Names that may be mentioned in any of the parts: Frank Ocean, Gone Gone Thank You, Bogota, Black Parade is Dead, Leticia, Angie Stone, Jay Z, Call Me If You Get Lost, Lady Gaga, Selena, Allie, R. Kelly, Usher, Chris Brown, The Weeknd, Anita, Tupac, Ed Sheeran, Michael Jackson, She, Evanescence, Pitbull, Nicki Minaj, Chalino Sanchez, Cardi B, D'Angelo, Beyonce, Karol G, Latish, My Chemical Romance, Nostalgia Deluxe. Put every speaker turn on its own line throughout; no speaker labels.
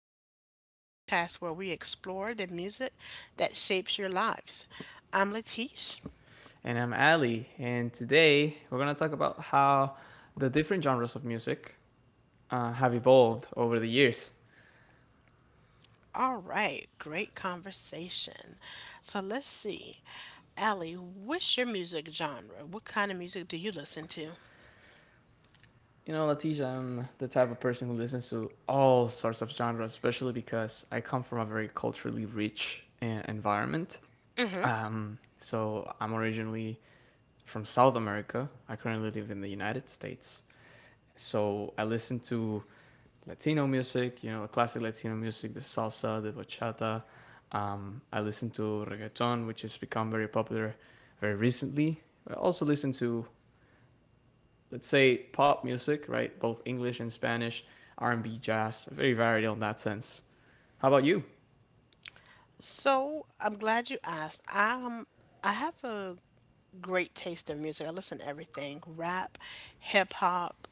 Stories, the podcast where we explore the music that shapes your lives. I'm Latish.
And I'm Ali, and today we're going to talk about how the different genres of music have evolved over the years.
All right, great conversation. So let's see. Allie, what's your music genre? What kind of music do you listen to?
You know, Leticia, I'm the type of person who listens to all sorts of genres, especially because I come from a very culturally rich environment.
Hmm.
So I'm originally from South America. I currently live in the United States. So I listen to Latino music, you know, the classic Latino music, the salsa, the bachata. I listen to reggaeton, which has become very popular very recently. I also listen to, let's say, pop music, right? Both English and Spanish, R&B, jazz, very varied in that sense. How about you?
So I'm glad you asked. I'm, I have a great taste of music. I listen to everything, rap, hip hop,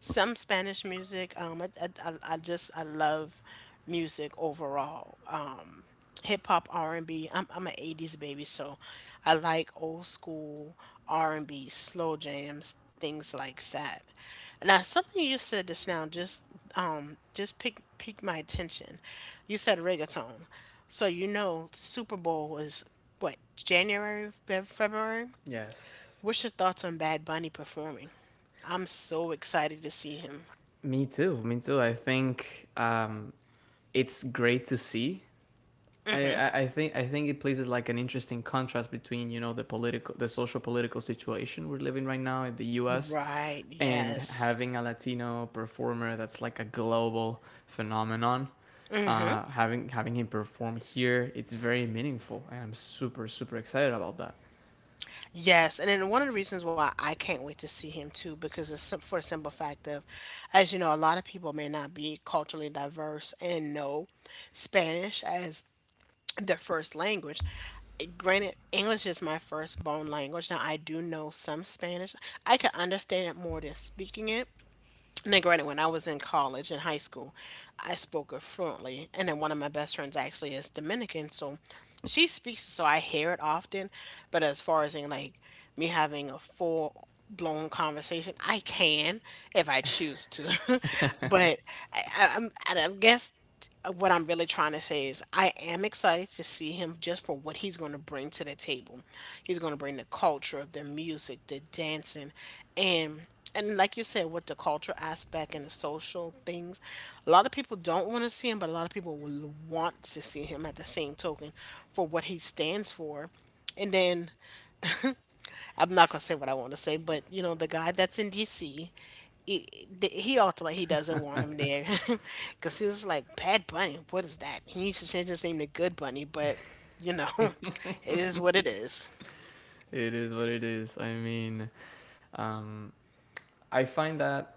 some Spanish music. I just I love music overall. Hip hop, R and B. I'm an '80s baby, so I like old school R and B, slow jams, things like that. Now, something you said just now just piqued my attention. You said reggaeton, so you know Super Bowl was what, January, February.
Yes.
What's your thoughts on Bad Bunny performing? I'm so excited to see him.
Me too. Me too. I think it's great to see I think it places like an interesting contrast between you know the political the social political situation we're living right now in the U.S.
Right,
and
yes.
having a Latino performer that's like a global phenomenon. Having him perform here, it's very meaningful, and I'm super super excited about that.
Yes, and then one of the reasons why I can't wait to see him too, because it's for a simple fact of, as you know, a lot of people may not be culturally diverse and know Spanish as their first language. Eh, granted, English is my firstborn language. Now, I do know some Spanish. I can understand it more than speaking it. Now, granted, when I was in college and high school, I spoke it fluently, and then one of my best friends actually is Dominican, so she speaks, so I hear it often. But as far as in like me having a full blown conversation, I can if I choose to. But I guess what I'm really trying to say is I am excited to see him just for what he's going to bring to the table. He's going to bring the culture, the music, the dancing, and and like you said, with the culture aspect and the social things, a lot of people don't want to see him, but a lot of people will want to see him at the same token for what he stands for. And then I'm not gonna say what I want to say, but you know, the guy that's in DC, he, he ultimately he doesn't want him there because he was like, Bad Bunny, what is that? He needs to change his name to Good Bunny, but you know, it is what it is.
It is what it is. I mean, um, I find that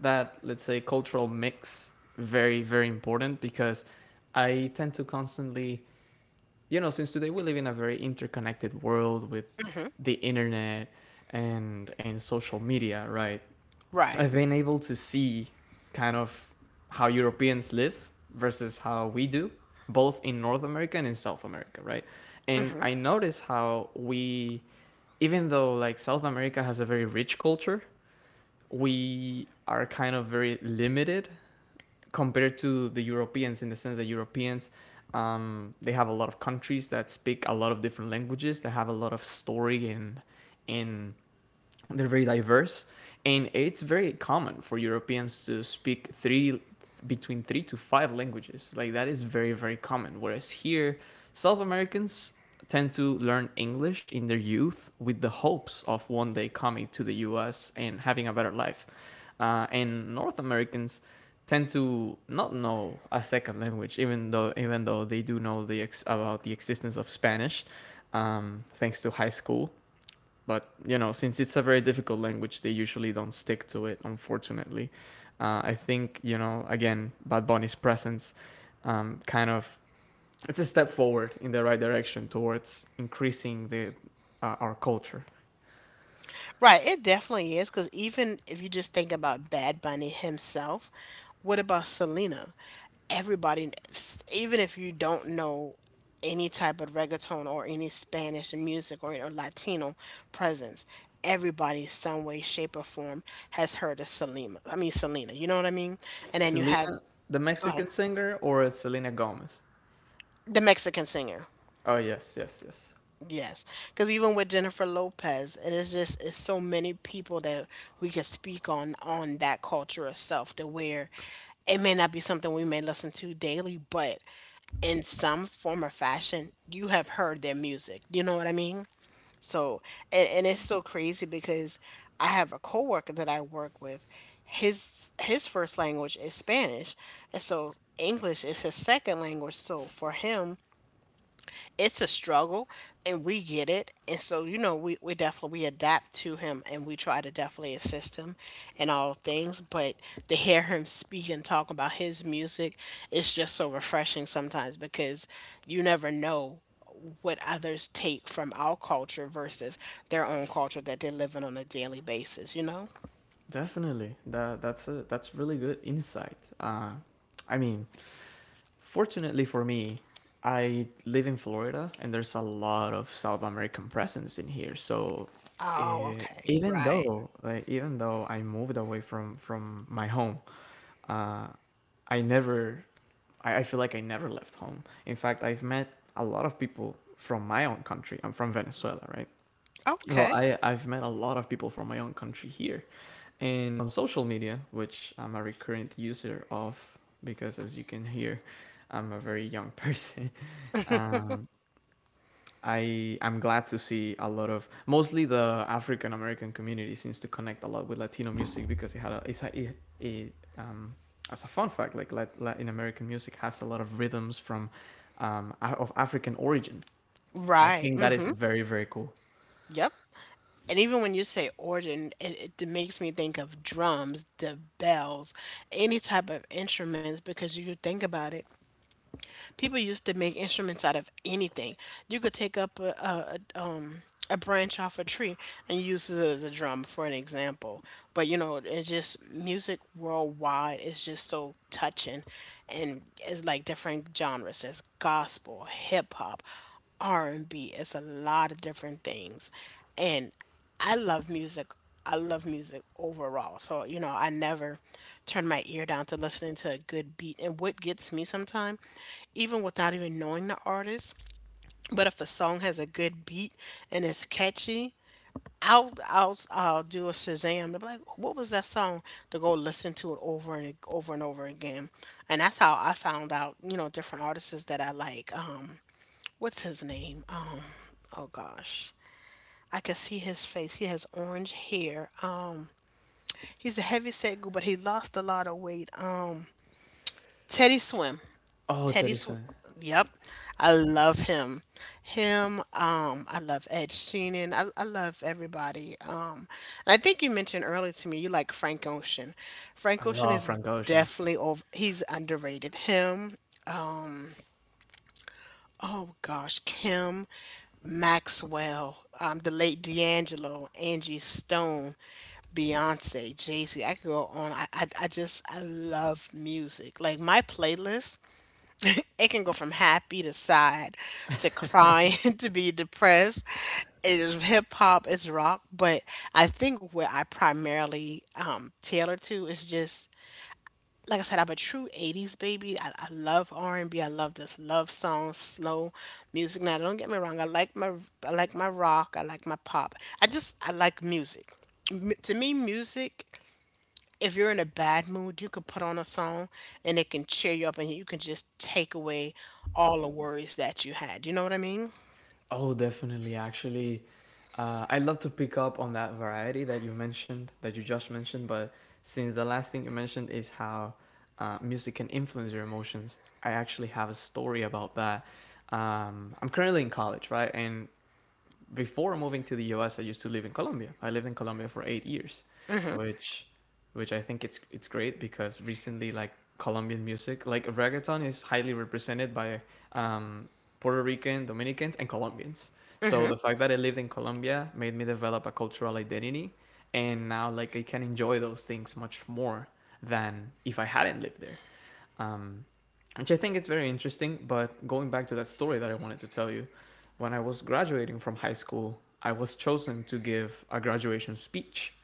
let's say cultural mix very very important because I tend to constantly you know, since today we live in a very interconnected world with
Mm-hmm.
the internet and social media, right?
Right.
I've been able to see kind of how Europeans live versus how we do, both in North America and in South America, right? And
Mm-hmm.
I notice how we even though like South America has a very rich culture, we are kind of very limited compared to the Europeans in the sense that Europeans they have a lot of countries that speak a lot of different languages that have a lot of story and they're very diverse, and it's very common for Europeans to speak three between three to five languages. Like that is very very common. Whereas here, South Americans tend to learn English in their youth with the hopes of one day coming to the U.S. and having a better life. And North Americans tend to not know a second language, even though they do know the about the existence of Spanish, thanks to high school, but you know since it's a very difficult language they usually don't stick to it unfortunately. I think you know again Bad Bunny's presence kind of it's a step forward in the right direction towards increasing the our culture.
Right, it definitely is because even if you just think about Bad Bunny himself, what about Selena? Everybody, even if you don't know any type of reggaeton or any Spanish music, or Latino presence, everybody, some way, shape, or form, has heard of Selena. I mean, Selena, you know what I mean? And then you have,
Selena the
go ahead,
Mexican singer or Selena Gomez?
the Mexican singer.
Oh, yes, yes, yes.
Yes, because even with Jennifer Lopez, it is just it's so many people that we can speak on that culture itself. To where it may not be something we may listen to daily, but in some form or fashion, you have heard their music. You know what I mean? So, and it's so crazy because I have a coworker that I work with. His first language is Spanish, and so English is his second language. So for him, it's a struggle, and we get it, and so you know we definitely we adapt to him and we try to definitely assist him in all things, but to hear him speak and talk about his music is just so refreshing sometimes because you never know what others take from our culture versus their own culture that they're living on a daily basis, you know.
Definitely, that's a that's really good insight. I mean, fortunately for me, I live in Florida and there's a lot of South American presence in here. So
Oh, okay.
even
Right.
though like, even though I moved away from my home, uh, I never I feel like I never left home. In fact, I've met a lot of people from my own country. I'm from Venezuela, right? So
Okay.
I've met a lot of people from my own country here, and on social media, which I'm a recurrent user of because as you can hear, I'm a very young person. Um, I I'm glad to see a lot of mostly the African American community seems to connect a lot with Latino music because it had a, it's a, it as a fun fact, like Latin American music has a lot of rhythms from of African origin. I
Right.
think that is
Mm-hmm.
very very cool.
Yep. And even when you say organ, it makes me think of drums, the bells, any type of instruments because you think about it. People used to make instruments out of anything. You could take up a branch off a tree and use it as a drum, for an example. But you know, it's just music worldwide is just so touching, and it's like different genres. It's gospel, hip hop, R and B. It's a lot of different things. And I love music. I love music overall. So, you know, I never turn my ear down to listening to a good beat. And what gets me sometimes, even without even knowing the artist, but if a song has a good beat and it's catchy, I'll do a Shazam to be like, what was that song? To go listen to it over and over and over again, and that's how I found out, you know, different artists that I like. What's his name? Oh gosh, I can see his face. He has orange hair. He's a heavy set goo, but he lost a lot of weight. Teddy Swim.
Oh, that
Teddy
is
Swim.
a
Yep. I love him. Him. I love Ed Sheeran. I love everybody. And I think you mentioned earlier to me you like Frank Ocean. Frank
I
Ocean
love
is
Frank Ocean.
definitely over. He's underrated. Him, oh gosh, Kim Maxwell, the late D'Angelo, Angie Stone, Beyonce, Jay Z. I could go on. I just, I love music. Like my playlist, it can go from happy to sad to crying to be depressed. It is hip hop, it's rock. But I think where I primarily tailor to is just like I said, I'm a true '80s baby. I love R&B. I love this love song, slow music. Now, don't get me wrong. I like my rock. I like my pop. I like music. To me, music. If you're in a bad mood, you could put on a song and it can cheer you up, and you can just take away all the worries that you had. You know what I mean?
Oh, definitely. Actually, I love to pick up on that variety that you mentioned, that you just mentioned. But since the last thing you mentioned is how music can influence your emotions, I actually have a story about that. I'm currently in college, right? And before moving to the U.S., I used to live in Colombia. I lived in Colombia for 8 years, which which I think it's great because recently like Colombian music, like reggaeton, is highly represented by um, Puerto Rican, Dominicans, and Colombians. So the fact that I lived in Colombia made me develop a cultural identity, and now like I can enjoy those things much more than if I hadn't lived there, um, which I think it's very interesting. But going back to that story that I wanted to tell you, when I was graduating from high school, I was chosen to give a graduation speech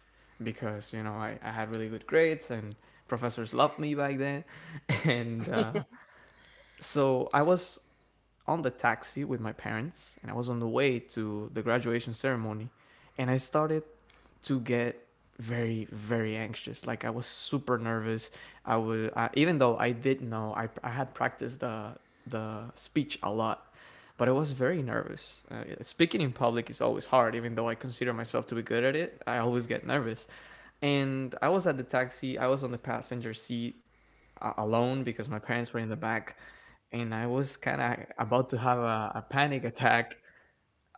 because you know I had really good grades and professors loved me back then, and so I was on the taxi with my parents and I was on the way to the graduation ceremony and I started to get very very anxious, like I was super nervous. Even though I did know I had practiced the speech a lot, but I was very nervous. Speaking in public is always hard, even though I consider myself to be good at it, I always get nervous. And I was at the taxi, I was on the passenger seat, alone because my parents were in the back, and I was kind of about to have a panic attack.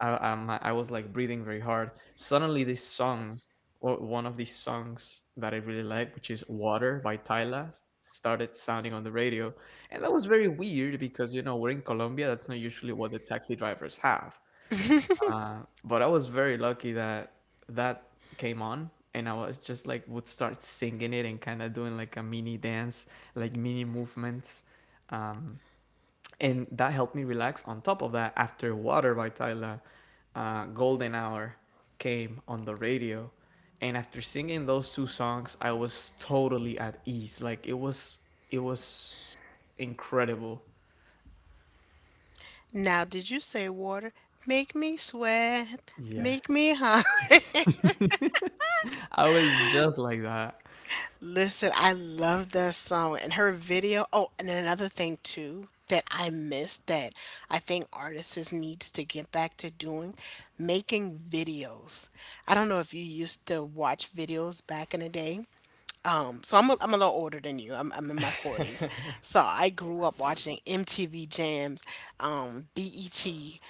I was like breathing very hard. Suddenly, this song, or one of these songs that I really like, which is "Water" by Tyla, started sounding on the radio, and that was very weird because you know we're in Colombia. That's not usually what the taxi drivers have. Uh, but I was very lucky that that came on, and I was just like would start singing it and kind of doing like a mini dance, like mini movements. Um, and that helped me relax. On top of that, after Water by Tyla, Golden Hour came on the radio. And after singing those two songs, I was totally at ease. Like it was incredible.
Now, did you say water? Make me sweat. Make
Yes.
me hot.
I was just like that.
Listen, I love that song and her video. Oh, and another thing too that I missed that I think artists needs to get back to doing, making videos. I don't know if you used to watch videos back in the day, so I'm a little older than you. I'm in my 40s. So I grew up watching MTV Jams, BET,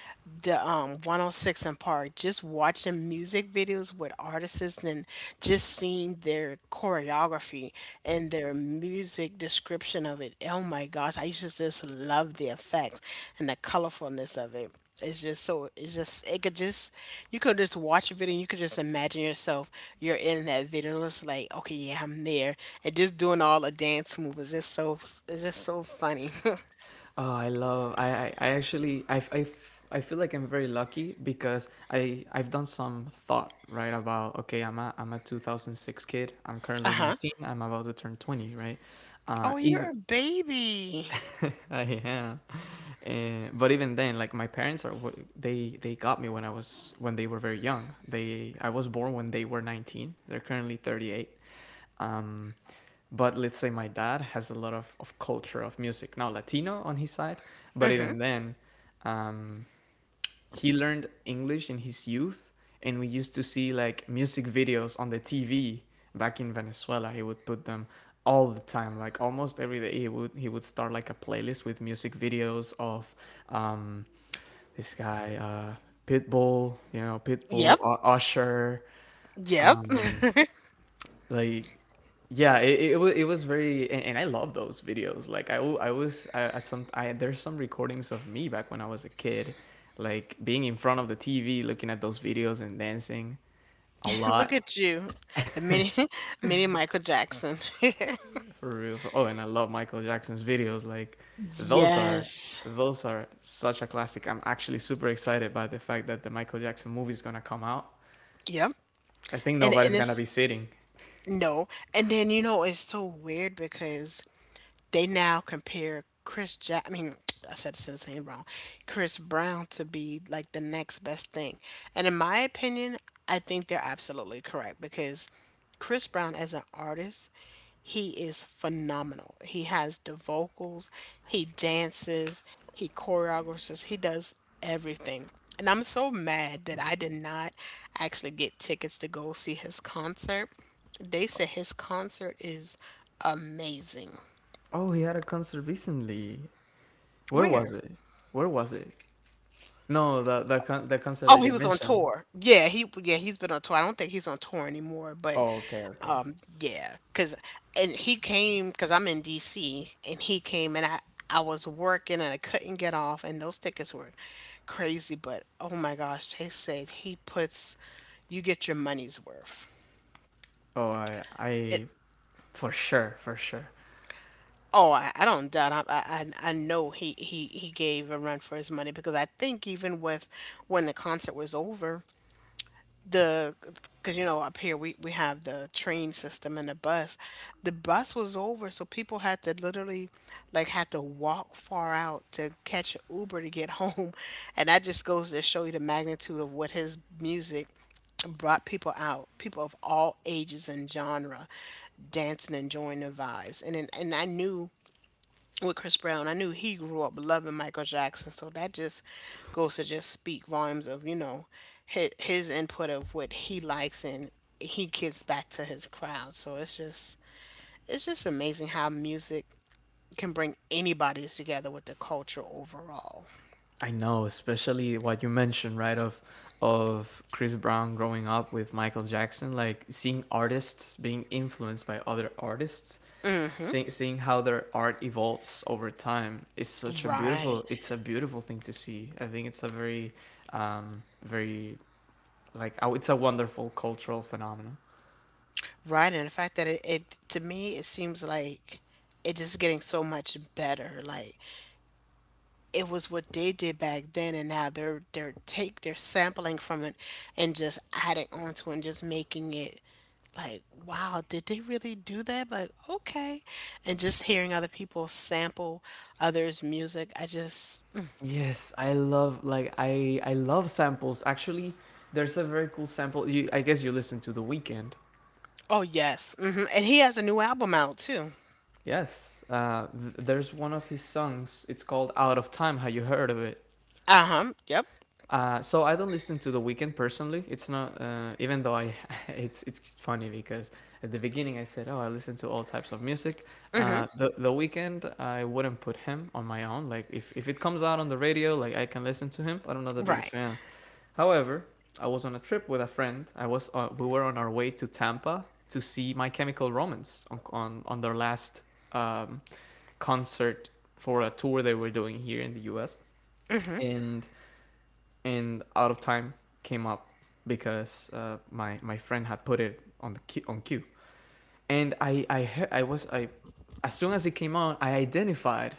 the 106 and Park, just watching music videos with artists and just seeing their choreography and their music description of it. Oh my gosh, I used to just love the effects and the colorfulness of it. It's just so, it's just it could just, you could just watch a video and you could just imagine yourself you're in that video. It's like, okay, yeah, I'm there. And just doing all the dance moves is just so, it's just so funny.
Oh, I love. I actually I feel like I'm very lucky because I've done some thought right about okay I'm a 2006 kid. I'm currently
Uh-huh.
19. I'm about to turn 20. Right.
Oh, you're
Even
a baby.
I am. But even then, like my parents are they got me when I was when they were very young. They I was born when they were 19. They're currently 38. Um, but let's say my dad has a lot of culture of music, now Latino on his side, but even then, um, he learned English in his youth, and we used to see like music videos on the TV back in Venezuela. He would put them all the time, like almost every day he would start like a playlist with music videos of um, this guy Pitbull, you know, Pitbull,
Yep.
Usher,
Yep.
um, like, yeah, it was very, and I love those videos. Like I was I some I, there's some recordings of me back when I was a kid, like being in front of the TV looking at those videos and dancing a
Look
lot.
at you. A mini mini Michael Jackson.
For real. Oh, and I love Michael Jackson's videos, like those are
Yes.
those are such a classic. I'm actually super excited by the fact that the Michael Jackson movie is gonna come out.
Yep.
I think
And
nobody's gonna
it's
be sitting.
no. And then you know it's so weird because they now compare Chris Jack, I mean, I said his name wrong, Chris Brown, to be like the next best thing, and in my opinion, I think they're absolutely correct because Chris Brown as an artist, he is phenomenal. He has the vocals, he dances, he choreographs, he does everything. And I'm so mad that I did not actually get tickets to go see his concert. They said his concert is amazing.
Oh, he had a concert recently. Where was
Where?
it? where was it No, the concert
Oh,
that
he
you
was on
mentioned.
tour. Yeah, he yeah he's been on tour. I don't think he's on tour anymore, but
Oh, okay, okay.
yeah, cause and he came because I'm in D.C. and he came and I was working and I couldn't get off and those tickets were crazy, but oh my gosh, they said he puts, you get your money's worth.
Oh,
It,
I for sure, for sure.
oh, I don't doubt. I know he gave a run for his money because I think even with when the concert was over, the, because you know up here we have the train system and the bus, the bus was over, so people had to literally like had to walk far out to catch an Uber to get home, and that just goes to show you the magnitude of what his music brought, people out, people of all ages and genre, dancing, enjoying the vibes. And I knew with Chris Brown. I knew he grew up loving Michael Jackson, so that just goes to just speak volumes of you know his input of what he likes and he gives back to his crowd. So it's just, it's just amazing how music can bring anybody together with the culture overall.
I know, especially what you mentioned, right? Of Chris Brown growing up with Michael Jackson, like seeing artists being influenced by other artists, seeing how their art evolves over time is such a
Right,
beautiful. It's a beautiful thing to see. I think it's a very, very like oh, it's a wonderful cultural phenomenon.
right, and the fact that it to me it seems like it's just getting so much better. Like it was what they did back then, and now they're sampling from it and just adding onto it and just making it like, wow, did they really do that? Like, okay. And just hearing other people sample others' music, I just...
Yes, I love like I love samples. Actually, there's a very cool sample. You I guess you listen to The Weekend.
oh yes. Hmm. And he has a new album out too.
Yes, there's one of his songs. It's called "Out of Time." Have you heard of it?
Uh-huh. Yep.
So I don't listen to The Weeknd personally. It's not even though I it's funny because at the beginning I said, "Oh, I listen to all types of music."
Hmm.
The Weeknd, I wouldn't put him on my own. Like if it comes out on the radio, like I can listen to him, but I'm not the biggest
Right.
fan. However, I was on a trip with a friend. I was we were on our way to Tampa to see My Chemical Romance on on their last um, concert for a tour they were doing here in the U.S. and and Out of Time came up because my my friend had put it on the queue, on queue. And I heard, I was I as soon as it came out I identified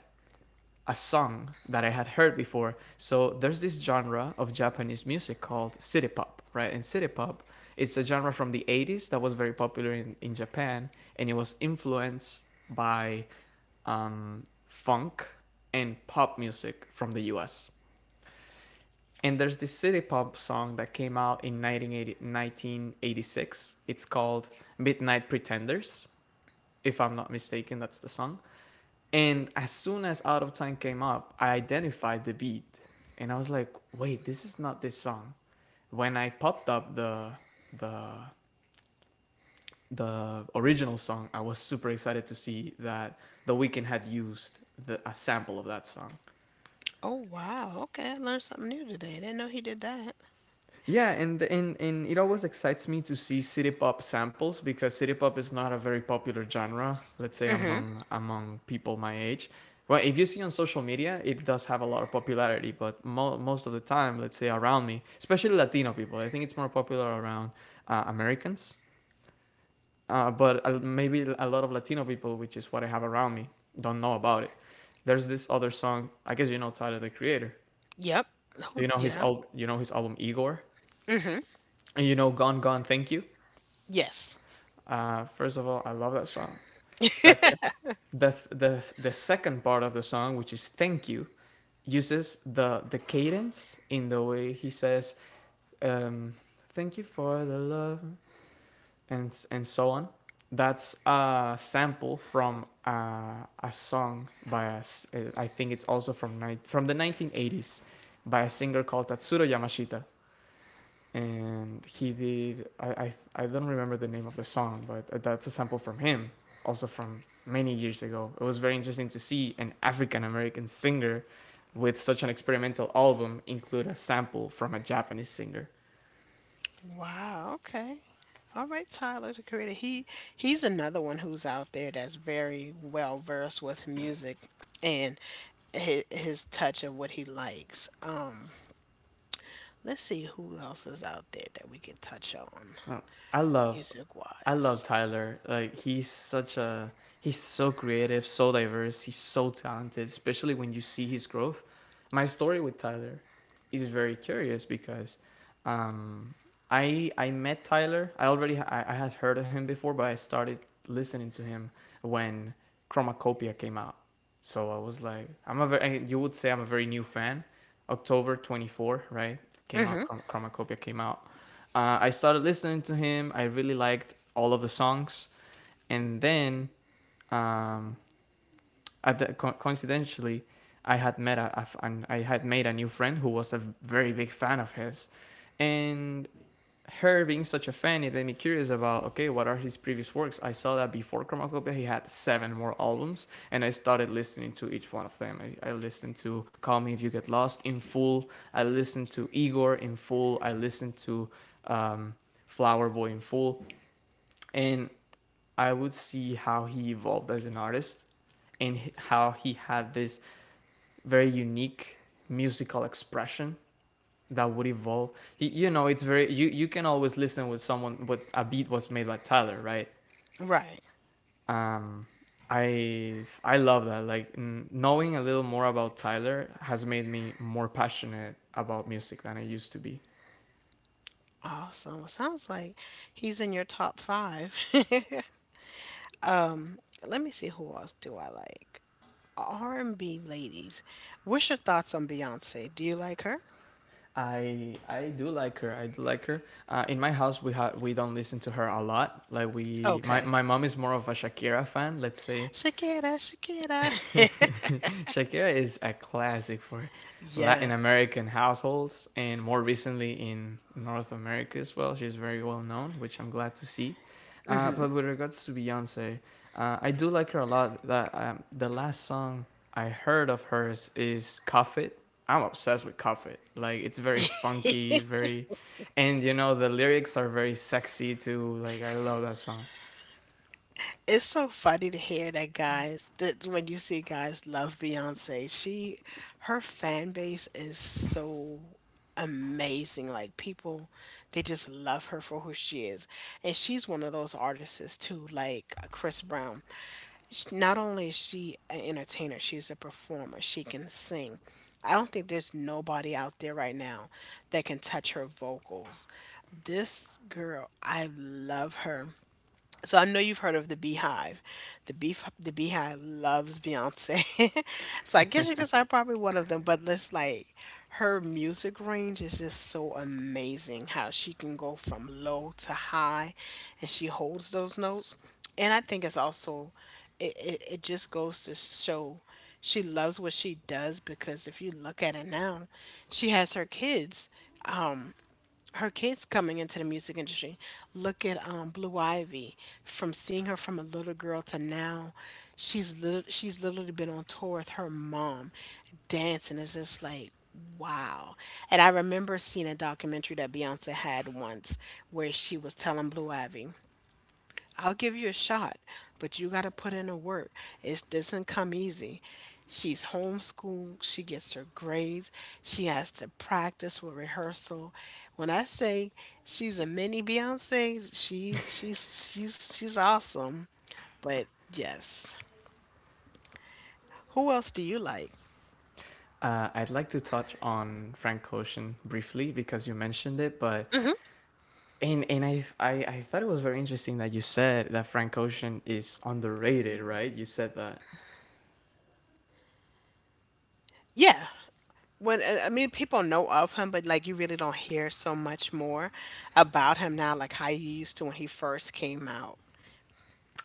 a song that I had heard before. So there's this genre of Japanese music called city pop, right? And city pop, it's a genre from the 80s that was very popular in Japan, and it was influenced by um, funk and pop music from the US. And there's this city pop song that came out in 1980 1986. It's called Midnight Pretenders, if I'm not mistaken, that's the song. And as soon as Out of Time came up, I identified the beat, and I was like, wait, this is not this song. When I popped up the the original song, I was super excited to see that The Weeknd had used a sample of that song.
Oh wow, okay. I learned something new today, I didn't know he did that.
Yeah, and and it always excites me to see city pop samples, because city pop is not a very popular genre, let's say,
Hmm.
among people my age. Well, if you see on social media, it does have a lot of popularity, but most of the time, let's say around me, especially Latino people, I think it's more popular around Americans. But maybe a lot of Latino people, which is what I have around me, don't know about it. There's this other song. I guess you know Tyler the Creator.
Yep.
Do
Oh
you know his
yeah.
You know his album Igor,
Hmm.
and you know Gone Gone Thank You.
Yes.
First of all, I love that song. Second, the the second part of the song, which is "Thank You," uses the cadence in the way he says um, "Thank you for the love" and so on. That's a sample from a song by I think it's also from the 1980s by a singer called Tatsuro Yamashita, and he did. I don't remember the name of the song, but that's a sample from him, also from many years ago. It was very interesting to see an African American singer with such an experimental album include a sample from a Japanese singer.
Wow. Okay. All right, Tyler the Creator. He's another one who's out there that's very well versed with music and his touch of what he likes. Let's see who else is out there that we can touch on
I love
music
I love
wise.
Tyler. Like, he's such a he's so creative, so diverse, he's so talented, especially when you see his growth. My story with Tyler is very curious because um I met Tyler. I had heard of him before, but I started listening to him when Chromacopia came out. So I was like, I'm a very you would say I'm a very new fan. October 24th, right? Came out
Hmm.
Chromacopia came out. I started listening to him. I really liked all of the songs, and then um, at the coincidentally, I had met had made a new friend who was a very big fan of his, and her being such a fan, it made me curious about, okay, what are his previous works? I saw that before Chromacopia, he had seven more albums, and I started listening to each one of them. I listened to Call Me If You Get Lost in full. I listened to Igor in full. I listened to um, Flower Boy in full, and I would see how he evolved as an artist, and how he had this very unique musical expression that would evolve. You know, it's very you you can always listen with someone what a beat was made by Tyler, right?
Right.
um I love that. Like, knowing a little more about Tyler has made me more passionate about music than I used to be.
Awesome. Well, sounds like he's in your top five. um, Let me see who else do I like. R and B ladies. What's your thoughts on Beyonce? Do you like her?
I do like her, I do like her. In my house we have we don't listen to her a lot. Like, we my,
Okay.
my mom is more of a Shakira fan, let's say.
Shakira, Shakira.
Shakira is a classic for Latin
Yes.
American households, and more recently in North America as well. She's very well known, which I'm glad to see.
Hmm.
But with regards to Beyonce, I do like her a lot. That The last song I heard of hers is "Cuff It." I'm obsessed with "Cuff It." Like, it's very funky, very, and you know the lyrics are very sexy too. Like, I love that song.
It's so funny to hear that guys, that when you see guys love Beyonce, she, her fan base is so amazing. Like, people, they just love her for who she is. And she's one of those artists too, like Chris Brown. Not only is she an entertainer, she's a performer. She can sing. I don't think there's nobody out there right now that can touch her vocals. This girl, I love her. So I know you've heard of the Beehive. The beef, the Beehive loves Beyonce. So I guess you could say I'm probably one of them. But it's like her music range is just so amazing. How she can go from low to high, and she holds those notes. And I think it's also, it just goes to show she loves what she does, because if you look at it now, she has her kids, um, her kids coming into the music industry. Look at Blue Ivy. From seeing her from a little girl to now, she's literally been on tour with her mom, dancing. It's just like, wow. And I remember seeing a documentary that Beyonce had once where she was telling Blue Ivy, I'll give you a shot, but you got to put in the work. It doesn't come easy. She's homeschooled. She gets her grades. She has to practice with rehearsal. When I say she's a mini Beyonce, she's she's awesome. But yes, who else do you like?
I'd like to touch on Frank Ocean briefly because you mentioned it, but and I thought it was very interesting that you said that Frank Ocean is underrated, right? You said that.
Yeah. When I mean, people know of him, but like you really don't hear so much more about him now, like how you used to when he first came out.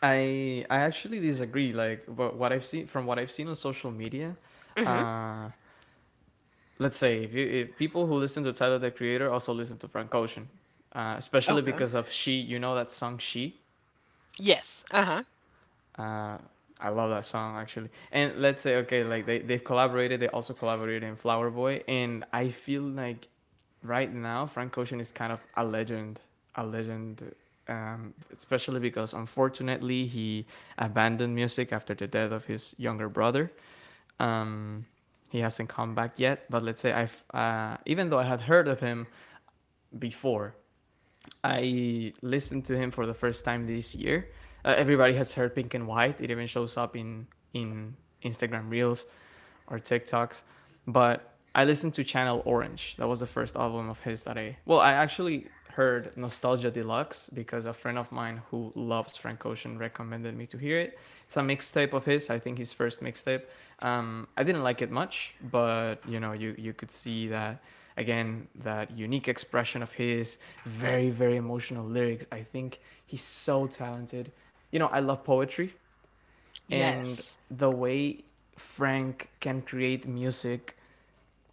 I actually disagree. Like, but what I've seen from what I've seen on social media, uh, let's say if if people who listen to Tyler the Creator also listen to Frank Ocean, especially
Okay.
because of She, you know that song She.
Yes. Uh huh.
Uh, I love that song actually. And let's say, okay, like they've collaborated. They also collaborated in Flower Boy, and I feel like right now Frank Ocean is kind of a legend, a legend. Especially because, unfortunately, he abandoned music after the death of his younger brother. Um, he hasn't come back yet, but let's say I've even though I had heard of him before, I listened to him for the first time this year. Everybody has heard Pink and White. It even shows up in Instagram Reels or TikToks. But I listened to Channel Orange. That was the first album of his that I well, I actually heard Nostalgia Deluxe because a friend of mine who loves Frank Ocean recommended me to hear it. It's a mixtape of his, I think his first mixtape. I didn't like it much, but you know, you could see that again that unique expression of his, very very emotional lyrics. I think he's so talented. You know, I love poetry, and
Yes.
the way Frank can create music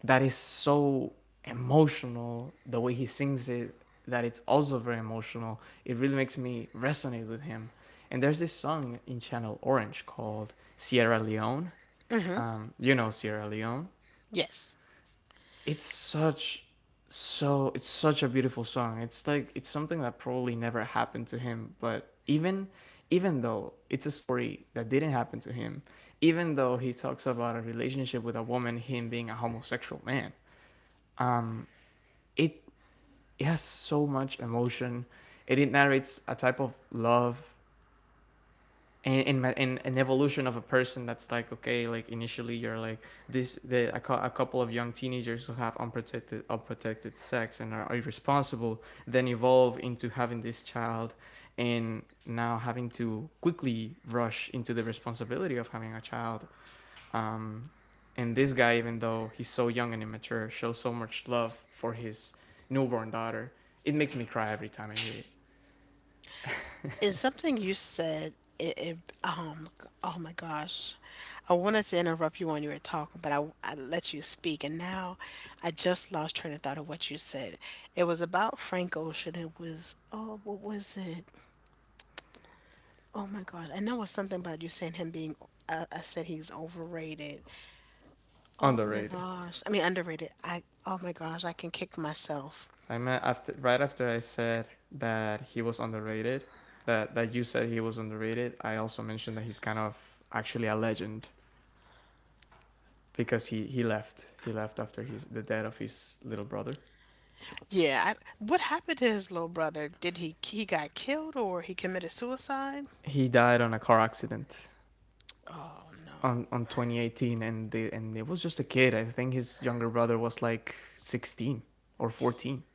that is so emotional, the way he sings it, that it's also very emotional. It really makes me resonate with him. And there's this song in Channel Orange called Sierra Leone.
Hmm.
You know Sierra Leone,
Yes.
it's such so it's such a beautiful song. It's like it's something that probably never happened to him, but even even though it's a story that didn't happen to him, even though he talks about a relationship with a woman, him being a homosexual man, um, it, it has so much emotion. It narrates a type of love and in an evolution of a person that's like, okay, like initially you're like this the a, cou- a couple of young teenagers who have unprotected sex and are irresponsible, then evolve into having this child, and now having to quickly rush into the responsibility of having a child. um and this guy, even though he's so young and immature, shows so much love for his newborn daughter. It makes me cry every time I hear it.
And something you said, it oh my gosh, I wanted to interrupt you when you were talking, but I let you speak, and now I just lost train of thought of what you said. It was about Frank Ocean. It was, oh, what was it? Oh my gosh, I know it was something about you saying him being. I said he's overrated. Oh my
Underrated.
gosh, I mean underrated. I... oh my gosh, I can kick myself.
I meant after right after I said that he was underrated, that you said he was underrated. I also mentioned that he's kind of actually a legend because he left. He left after his the death of his little brother.
Yeah, I, what happened to his little brother? Did he got killed, or he committed suicide?
He died on a car accident
Oh no,
on 2018, and the and it was just a kid. I think his younger brother was like 16 or 14.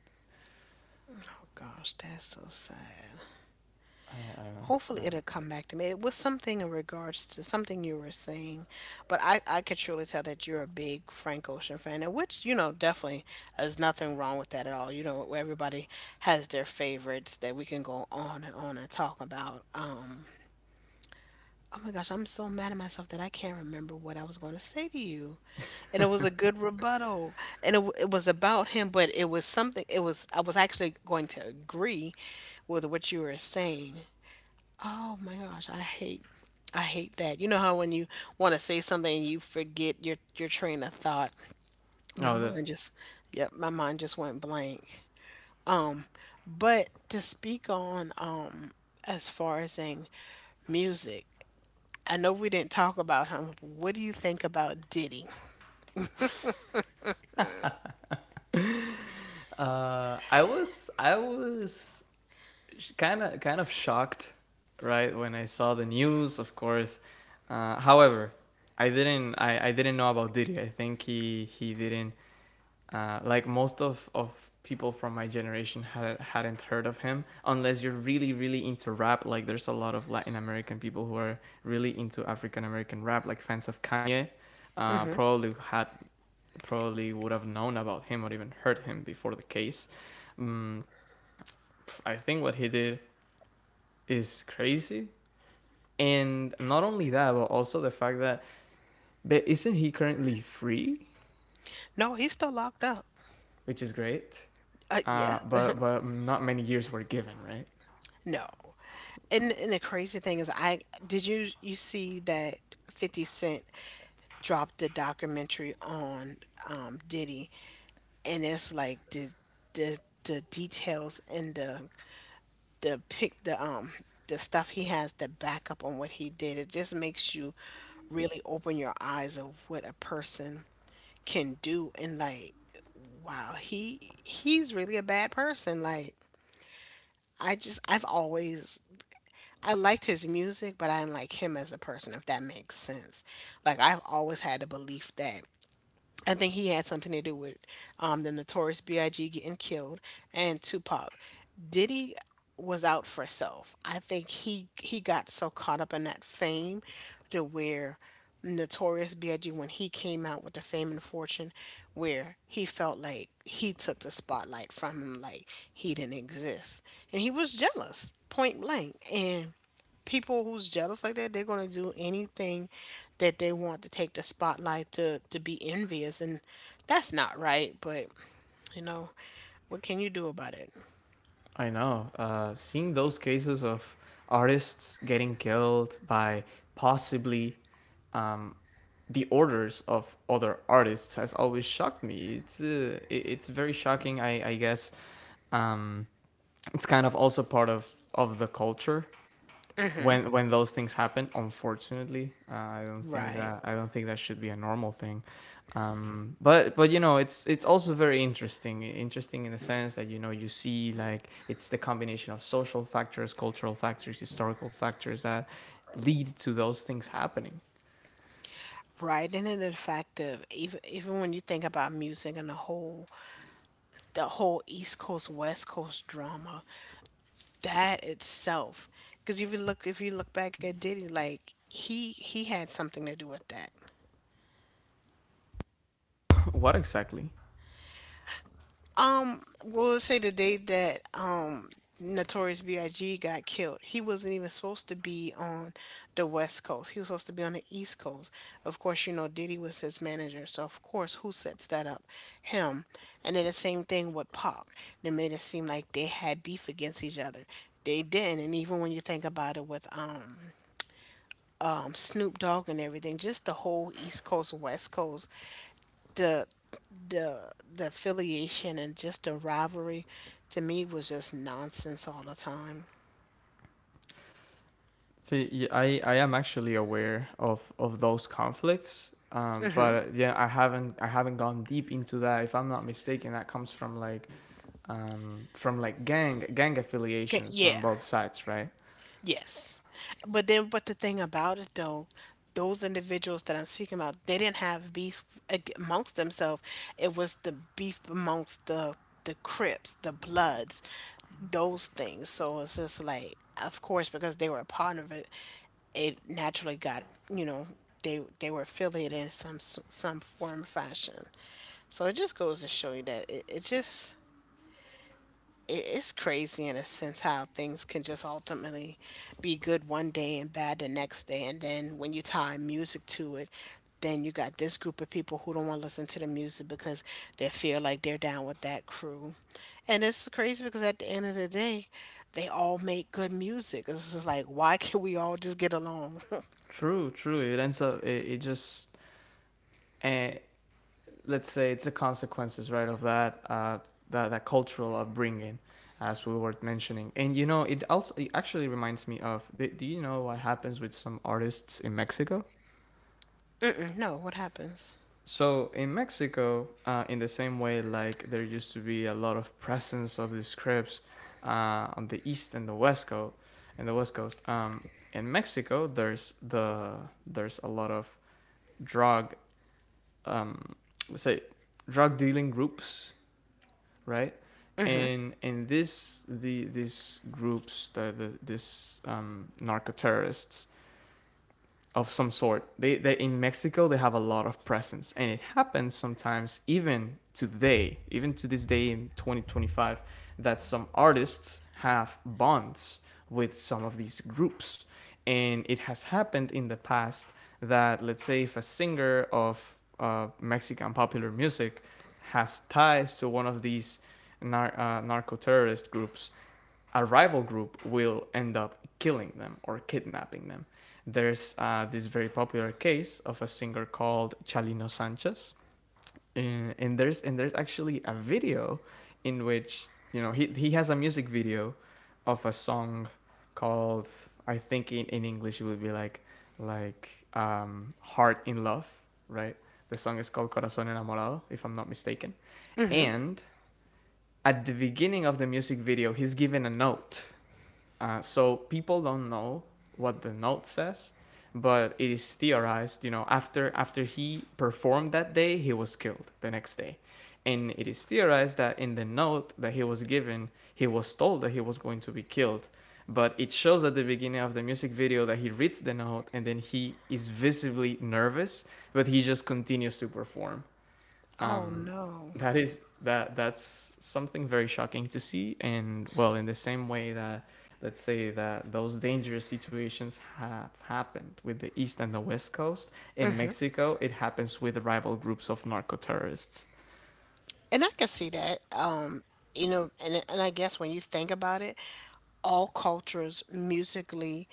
gosh, that's so sad.
I don't know.
Hopefully
I
it'll come back to me. It was something in regards to something you were saying, but I could truly tell that you're a big Frank Ocean fan, and which you know definitely there's nothing wrong with that at all. You know, everybody has their favorites that we can go on and talk about. Oh my gosh, I'm so mad at myself that I can't remember what I was going to say to you. And it was a good rebuttal, and it was about him. But it was something, it was, I was actually going to agree with what you were saying. Oh my gosh, I hate, I hate that, you know, how when you want to say something and you forget your train of thought,
don't
my
know. Oh, the
mind just... yep, my mind just went blank. But to speak on, as far as saying music, I know we didn't talk about him, but what do you think about Diddy?
I was kind of shocked, right, when I saw the news. Of course, however, I didn't know about Diddy. I think he didn't like most of people from my generation had, hadn't heard of him unless you're really really into rap. Like, there's a lot of Latin American people who are really into African American rap, like fans of Kanye probably had probably would have known about him or even heard him before the case. Um, I think what he did is crazy. And not only that, but also the fact that but isn't he currently free,
No, he's still locked up.
which is great.
Uh, yeah.
But not many years were given, right?
No. And and the crazy thing is, I did you you see that 50 Cent dropped a documentary on Diddy, and it's like the the details and the pic, the stuff he has to back up on what he did. It just makes you really open your eyes of what a person can do, and like, wow, he's really a bad person. Like, I just, I've always, I liked his music, but I didn't like him as a person, if that makes sense. Like, I've always had the belief that I think he had something to do with the Notorious B.I.G. getting killed, and Tupac. Diddy was out for self. I think he got so caught up in that fame to where Notorious B.I.G., when he came out with the fame and fortune, where he felt like he took the spotlight from him, like he didn't exist, and he was jealous, point blank. And people who's jealous like that, they're gonna do anything that they want to take the spotlight, to be envious, and that's not right. But you know, what can you do about it?
I know. Seeing those cases of artists getting killed by possibly um, the orders of other artists has always shocked me. It's it's very shocking. I guess um, it's kind of also part of the culture
Hmm.
when those things happen, unfortunately.
Right,
I don't think that should be a normal thing. But you know, it's also very interesting in the sense that, you know, you see like it's the combination of social factors, cultural factors, historical factors that lead to those things happening.
right. And then the fact of, even even when you think about music and the whole East Coast West Coast drama, that itself, because if you look, if you look back at Diddy, like he had something to do with that.
what exactly?
Well, let's say the day that Notorious B.I.G. got killed, he wasn't even supposed to be on the West Coast. He was supposed to be on the East Coast. Of course, you know Diddy was his manager, so of course, who sets that up? Him. And then the same thing with Pac. They made it seem like they had beef against each other. They didn't. And even when you think about it, with Snoop Dogg and everything, just the whole East Coast West Coast, the the the affiliation and just the rivalry, to me was just nonsense all the time.
See, I am actually aware of those conflicts, but yeah, I haven't gone deep into that. If I'm not mistaken, that comes from like gang
Okay,
affiliations on
yeah.
both sides, right?
Yes. But then, but the thing about it though, those individuals that I'm speaking about, they didn't have beef amongst themselves. It was the beef amongst the Crips, the Bloods, those things. So it's just like, of course, because they were a part of it, it naturally got, you know, they were affiliated in some some form or fashion. So it just goes to show you that it just it's crazy, in a sense, how things can just ultimately be good one day and bad the next day. And then when you tie music to it, then you got this group of people who don't want to listen to the music because they feel like they're down with that crew. And it's crazy because at the end of the day, they all make good music. It's just like, why can't we all just get along?
True, true. It ends up it just eh, let's say it's the consequences, right, of that that cultural upbringing, as we were mentioning. And it also it actually reminds me of. Do you know what happens with some artists in Mexico?
No, what happens?
So in Mexico, in the same way, like there used to be a lot of presence of these Crips on the east and the west coast, and the west coast. In Mexico, there's there's a lot of drug, um, let's say, drug dealing groups, right?
Hmm.
And this the these groups, the this narco terrorists, of some sort. They in Mexico they have a lot of presence, and it happens sometimes even today, even to this day in 2025, that some artists have bonds with some of these groups, and it has happened in the past that let's say if a singer of Mexican popular music has ties to one of these narco terrorist groups, a rival group will end up killing them or kidnapping them. There's this very popular case of a singer called Chalino Sanchez, and there's actually a video in which he has a music video of a song called I think in English it would be like Heart in Love, right? The song is called Corazón Enamorado, if I'm not mistaken.
Hmm.
And at the beginning of the music video, he's given a note so people don't know what the note says, but it is theorized. You know, after he performed that day, he was killed the next day, and it is theorized that in the note that he was given, he was told that he was going to be killed. But it shows at the beginning of the music video that he reads the note and then he is visibly nervous, but he just continues to perform.
Oh
Um,
no.
that is that's something very shocking to see, and well, in the same way that let's say that those dangerous situations have happened with the east and the west coast in Mexico, it happens with rival groups of narco terrorists.
And I can see that. You know, and I guess when you think about it, all cultures musically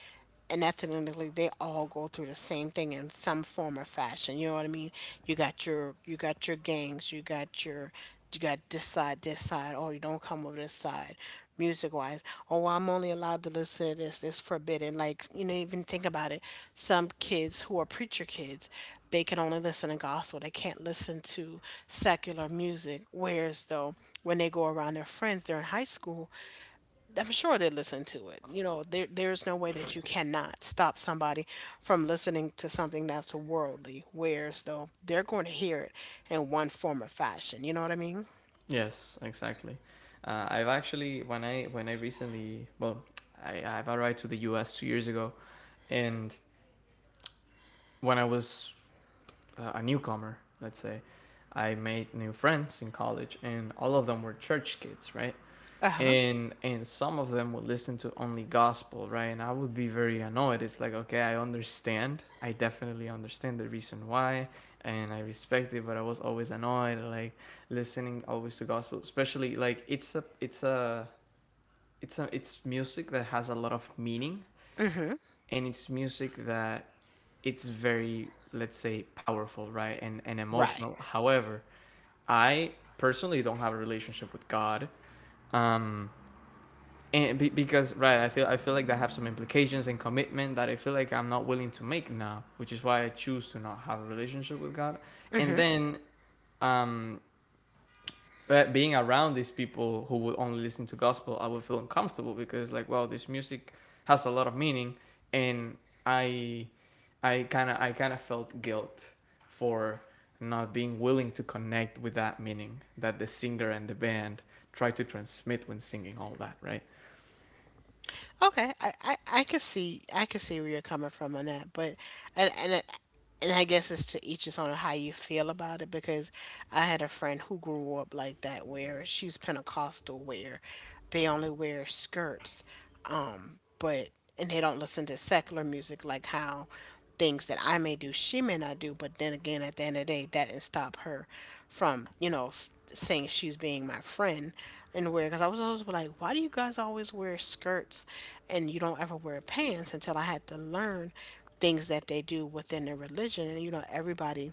and ethnically, they all go through the same thing in some form or fashion, you know what I mean? You got your, gangs, you got your, you got this side, this side, or you don't come over this side, music wise. Oh, I'm only allowed to listen to this, this forbidden, like, you know, even think about it, some kids who are preacher kids, they can only listen to gospel. They can't listen to secular music. Whereas though, when they go around their friends, they're in high school. I'm sure they listen to it. You know, there there's no way that you cannot stop somebody from listening to something that's worldly. Whereas though, they're going to hear it in one form or fashion. You know what I mean?
Yes, exactly. I've actually when I recently well I've arrived to the US 2 years ago and when I was a newcomer, let's say, I made new friends in college, and all of them were church kids, right?
Uh huh.
And some of them would listen to only gospel, right? And I would be very annoyed. It's like, okay, I understand. I definitely understand the reason why, and I respect it. But I was always annoyed, like listening always to gospel, especially like it's a it's a it's a it's music that has a lot of meaning and it's music that it's very, let's say, powerful, right? And
Right.
emotional. However, I personally don't have a relationship with God. um because right, I feel like that have some implications and commitment that I feel like I'm not willing to make now, which is why I choose to not have a relationship with God. And
Mm-hmm.
then um being around these people who would only listen to gospel, I would feel uncomfortable because like, wow, this music has a lot of meaning, and I, I kind of felt guilt for not being willing to connect with that meaning that the singer and the band try to transmit when singing all that, right?
Okay, I could see where you're coming from on that, but and and I- and I guess it's to each his own how you feel about it, because I had a friend who grew up like that, where she's Pentecostal, where they only wear skirts, but and they don't listen to secular music. Like, how things that I may do she may not do, but then again, at the end of the day, that didn't stop her from saying she's being my friend. And wear Because I was always like, why do you guys always wear skirts and you don't ever wear pants, until I had to learn things that they do within their religion. And everybody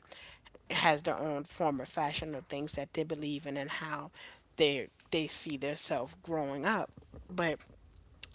has their own form of fashion, or things that they believe in, and how they see themselves growing up. But,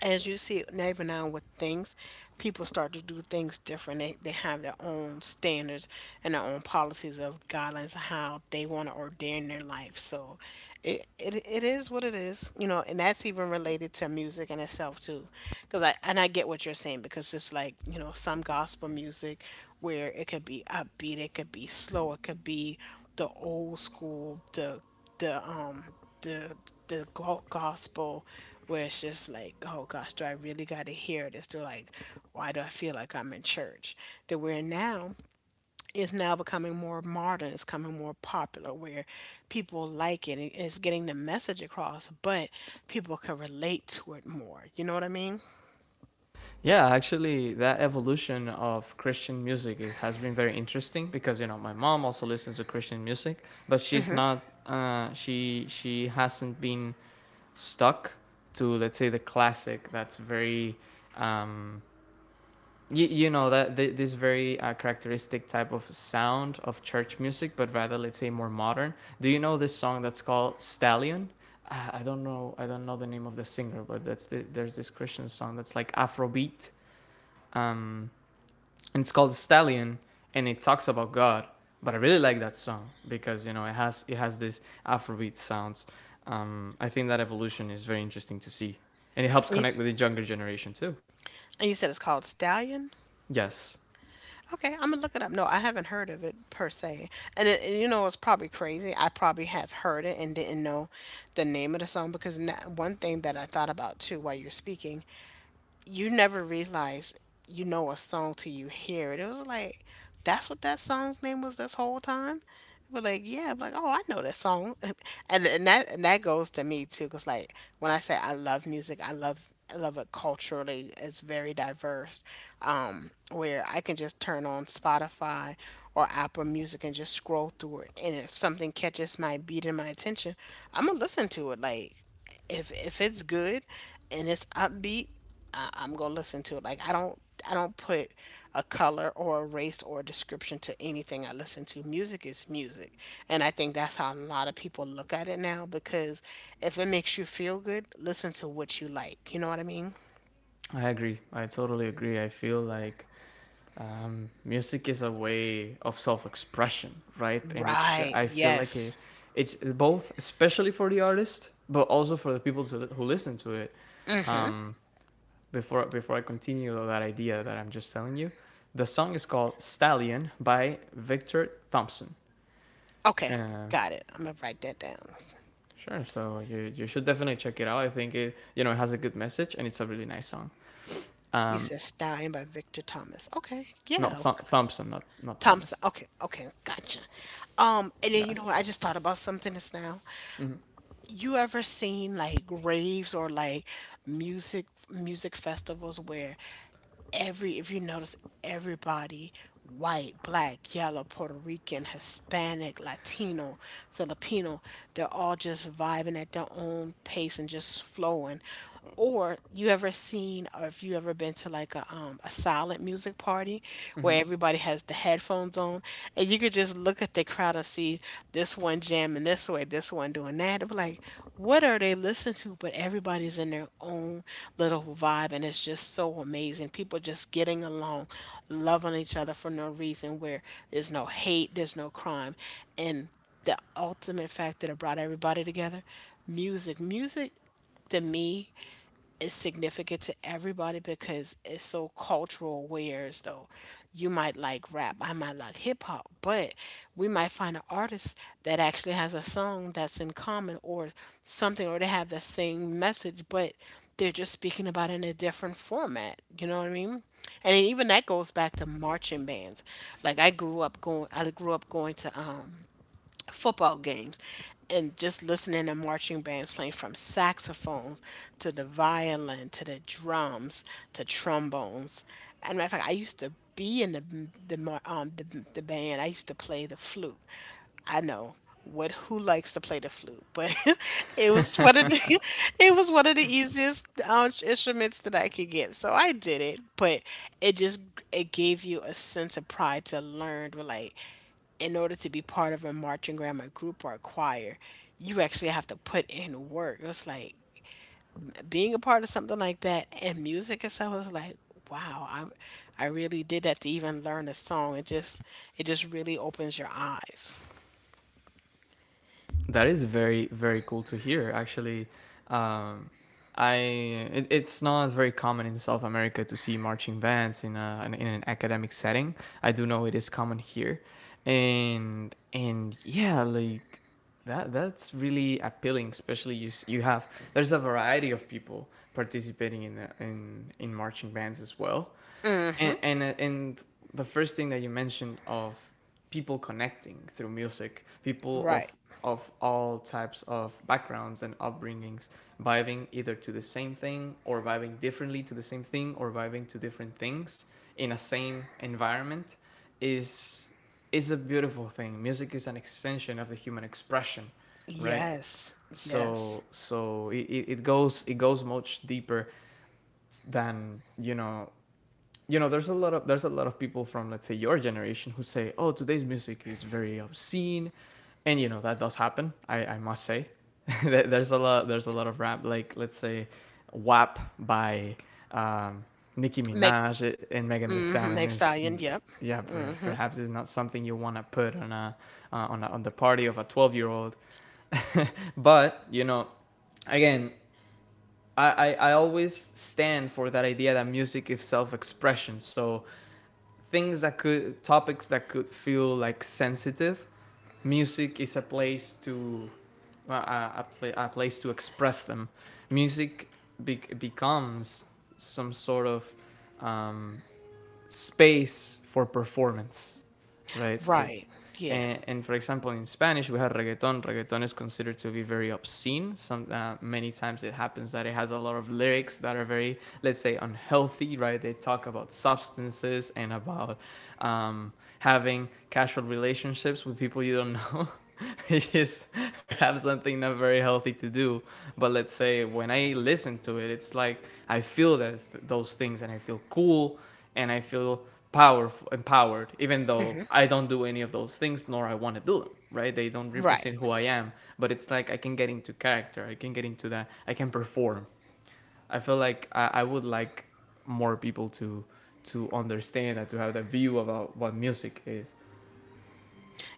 as you see now, even now, with things, people start to do things different. They have their own standards and their own policies of guidelines of how they want to ordain their life. So it is what it is, and that's even related to music in itself, too, because I get what you're saying. Because, just like, some gospel music, where it could be upbeat, it could be slow, it could be the old school, the um the the gospel, where it's just like, oh gosh, do I really got to hear this? They're like, why do I feel like I'm in church? That we're now is now becoming more modern, it's becoming more popular, where people like it, and it's getting the message across, but people can relate to it more, you know what I mean?
Yeah, actually, that evolution of Christian music has been very interesting because you know my mom also listens to Christian music, but she's not. She hasn't been stuck to, let's say, the classic that's very um, you, you know, that this very characteristic type of sound of church music, but rather, let's say, more modern. Do you know this song that's called Stallion? I don't know, I don't know the name of the singer, but that's the, there's this Christian song that's like afrobeat. um, and it's called Stallion, and it talks about God. But I really like that song because you know it has this Afrobeat sounds. I think that evolution is very interesting to see, and it helps
you,
connect
s-
with the younger generation too.
you said it's called Stallion.
Yes,
Okay, I'm gonna look it up. No, I haven't heard of it per se, and, and, you know, it's probably crazy. I probably have heard it and didn't know the name of the song, because na one thing that I thought about too while you're speaking, you never realize you know a song till you hear it. It was like, that's what that song's name was this whole time. But, like, yeah, like, oh, I know that song. And that goes to me too, cause like, when I say I love music, I love it culturally. It's very diverse, where I can just turn on Spotify or Apple Music and just scroll through it, and if something catches my beat and my attention, I'm gonna listen to it. Like, if it's good and it's upbeat, I'm gonna listen to it. Like, I don't, put a color or a race or a description to anything I listen to. Music is music, and I think that's how a lot of people look at it now. Because if it makes you feel good, listen to what you like. You know what I mean?
I agree. I totally agree. I feel like music is a way of self-expression, right? And it
Right.
I feel like it,
Yes.
it's both, especially for the artist, but also for the people to, who listen to it.
Mm-hmm.
Um, before I continue that idea that I'm just telling you, the song is called Stallion by Victor Thompson.
Okay.
Uh,
Got it. I'm gonna write that down.
sure, so you should definitely check it out. I think it you know it has a good message and it's a really nice song.
You
Um,
said Stallion by Victor Thomas. Okay.
no,
Yeah. Okay.
Thompson, not
Thompson.
Thomas.
Okay. Okay. Gotcha. And then, you
God.
know what? I just thought about something just now. You ever seen like raves, or like music festivals, where every, if you notice, everybody, white, black, yellow, Puerto Rican, Hispanic, Latino, Filipino, they're all just vibing at their own pace and just flowing. Or you ever seen, or if you ever been to like a silent music party, where everybody has the headphones on, and you could just look at the crowd and see this one jamming this way, this one doing that. I'm like, what are they listening to? But everybody's in their own little vibe, and it's just so amazing. People just getting along, loving each other for no reason, where there's no hate, there's no crime. And the ultimate fact that it brought everybody together, music. Music, to me, is significant to everybody, because it's so cultural, whereas though you might like rap, I might like hip-hop, but we might find an artist that actually has a song that's in common, or something, or they have the same message, but they're just speaking about it in a different format, you know what I mean? And even that goes back to marching bands. Like, I grew up going to football games, and just listening to marching bands playing, from saxophones, to the violin, to the drums, to trombones. And, matter of fact, I used to be in the band. I used to play the flute. I know what, who likes to play the flute, but it was one of the it was one of the easiest instruments that I could get. So I did it, but it just, it gave you a sense of pride to learn. Like, in order to be part of a marching grandma group or a choir, you actually have to put in work. It's like being a part of something like that, and music itself is like, wow, I really did that, to even learn a song. It just, really opens your eyes.
That is very, very cool to hear. Actually, um, I it, it's not very common in South America to see marching bands in an academic setting. I do know it is common here, and yeah, like that's really appealing, especially you have there's a variety of people participating in marching bands as well.
Mm-hmm.
And the first thing that you mentioned of people connecting through music, people
Right.
of all types of backgrounds and upbringings, vibing either to the same thing or vibing differently to the same thing or vibing to different things in a same environment is is a beautiful thing. Music is an extension of the human expression, right?
Yes. Yes.
So so it goes it goes much deeper than you know there's a lot of there's a lot of people from, let's say, your generation who say oh today's music is very obscene, and you know that does happen, I must say. There's a lot there's a lot of rap, like let's say WAP by um Nicki
Make.
Minaj and Megan Thee
Mm-hmm.
Stallion,
Make
is
Stallion. Yep.
yeah,
Mm-hmm.
perhaps is not something you want to put on a on a, on the party of a 12-year old. But you know again, always stand for that idea that music is self expression. So things that could topics that could feel like sensitive, music is a place to uh, a, a place to express them. Music becomes some sort of um, space for performance, right? So,
Right. Yeah.
and for example, in Spanish, we have reggaeton. Reggaeton is considered to be very obscene. Some many times it happens that it has a lot of lyrics that are very, let's say, unhealthy, right? They talk about substances and about um, having casual relationships with people you don't know. It is have something not very healthy to do. But let's say when I listen to it, it's like I feel that those things and I feel cool and I feel powerful, empowered, even though
Mm-hmm.
I don't do any of those things, nor I want to do them. Right? They don't
Right.
represent who I am, but it's like I can get into character. I can get into that. I can perform. I feel like I would like more people to understand that to have that view about what music is.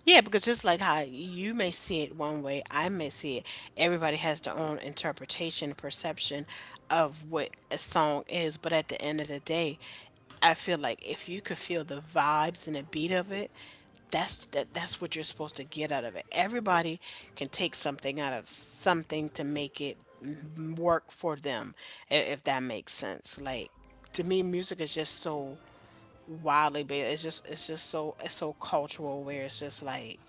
Yeah, because, just like how you may see it one way, I may see it. Everybody has their own interpretation, perception of what a song is. But at the end of the day, I feel like if you could feel the vibes and the beat of it, that's what you're supposed to get out of it. Everybody can take something out of something to work for them, if that makes sense. Like, to me, music is just so wildly based. It's just so, it's so cultural, where it's just like,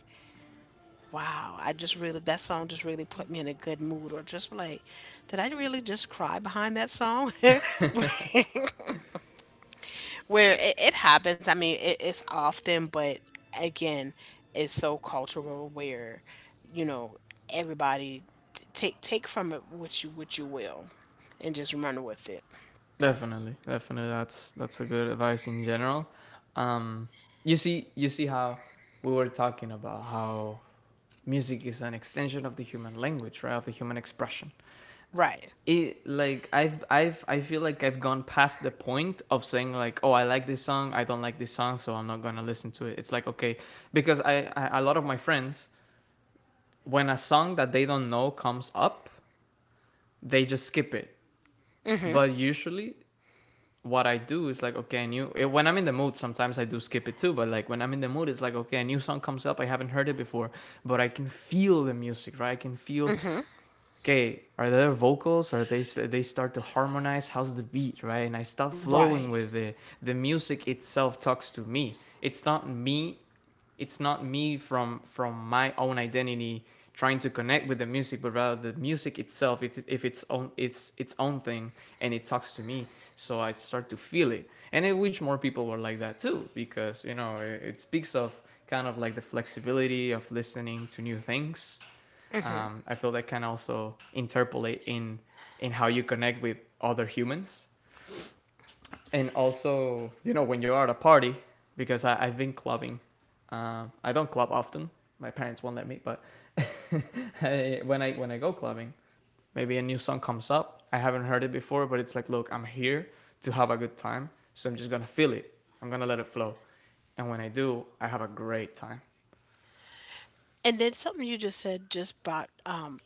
wow, I just really that song just really put me in a good mood, or just like, did I really just cry behind that song? Where it happens. I mean, it's often, but, again, it's so cultural where, you know, everybody, take from it what you, will, and just run with it.
Definitely, definitely. That's a good advice in general. Um, you see, you see how we were talking about how music is an extension of the human language, right? Of the human expression.
Right.
It like I've I feel like I've gone past the point of saying like oh I like this song I don't like this song so I'm not gonna listen to it. It's like okay because I a lot of my friends when a song that they don't know comes up they just skip it.
Mhm.
But usually what I do is like okay I knew when I'm in the mood sometimes I do skip it too. But like when I'm in the mood it's like okay a new song comes up I haven't heard it before but I can feel the music, right? I can feel
Mhm.
okay, are there vocals? Are they start to harmonize? How's the beat, right? And I start flowing
Right.
with it. The music itself talks to me. It's not me. It's not me from my own identity trying to connect with the music, but rather the music itself. It if its own it's its own thing, and it talks to me. So I start to feel it, and I wish more people were like that too, because you know it speaks of kind of like the flexibility of listening to new things. I feel that can also interpolate in how you connect with other humans, and also you know when you're at a party because I've been clubbing. I don't club often. My parents won't let me, but I, when I when I go clubbing, maybe a new song comes up. I haven't heard it before, but it's like, look, I'm here to have a good time, so I'm just gonna feel it. I'm gonna let it flow, and when I do, I have a great time.
And then something you just said just brought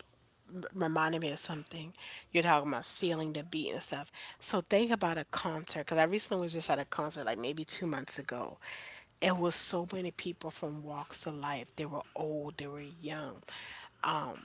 reminded me of something. You're talking about feeling the beat and stuff. So think about a concert, because I recently was just at a concert like maybe 2 months ago. It was so many people from walks of life. They were old, they were young. Um,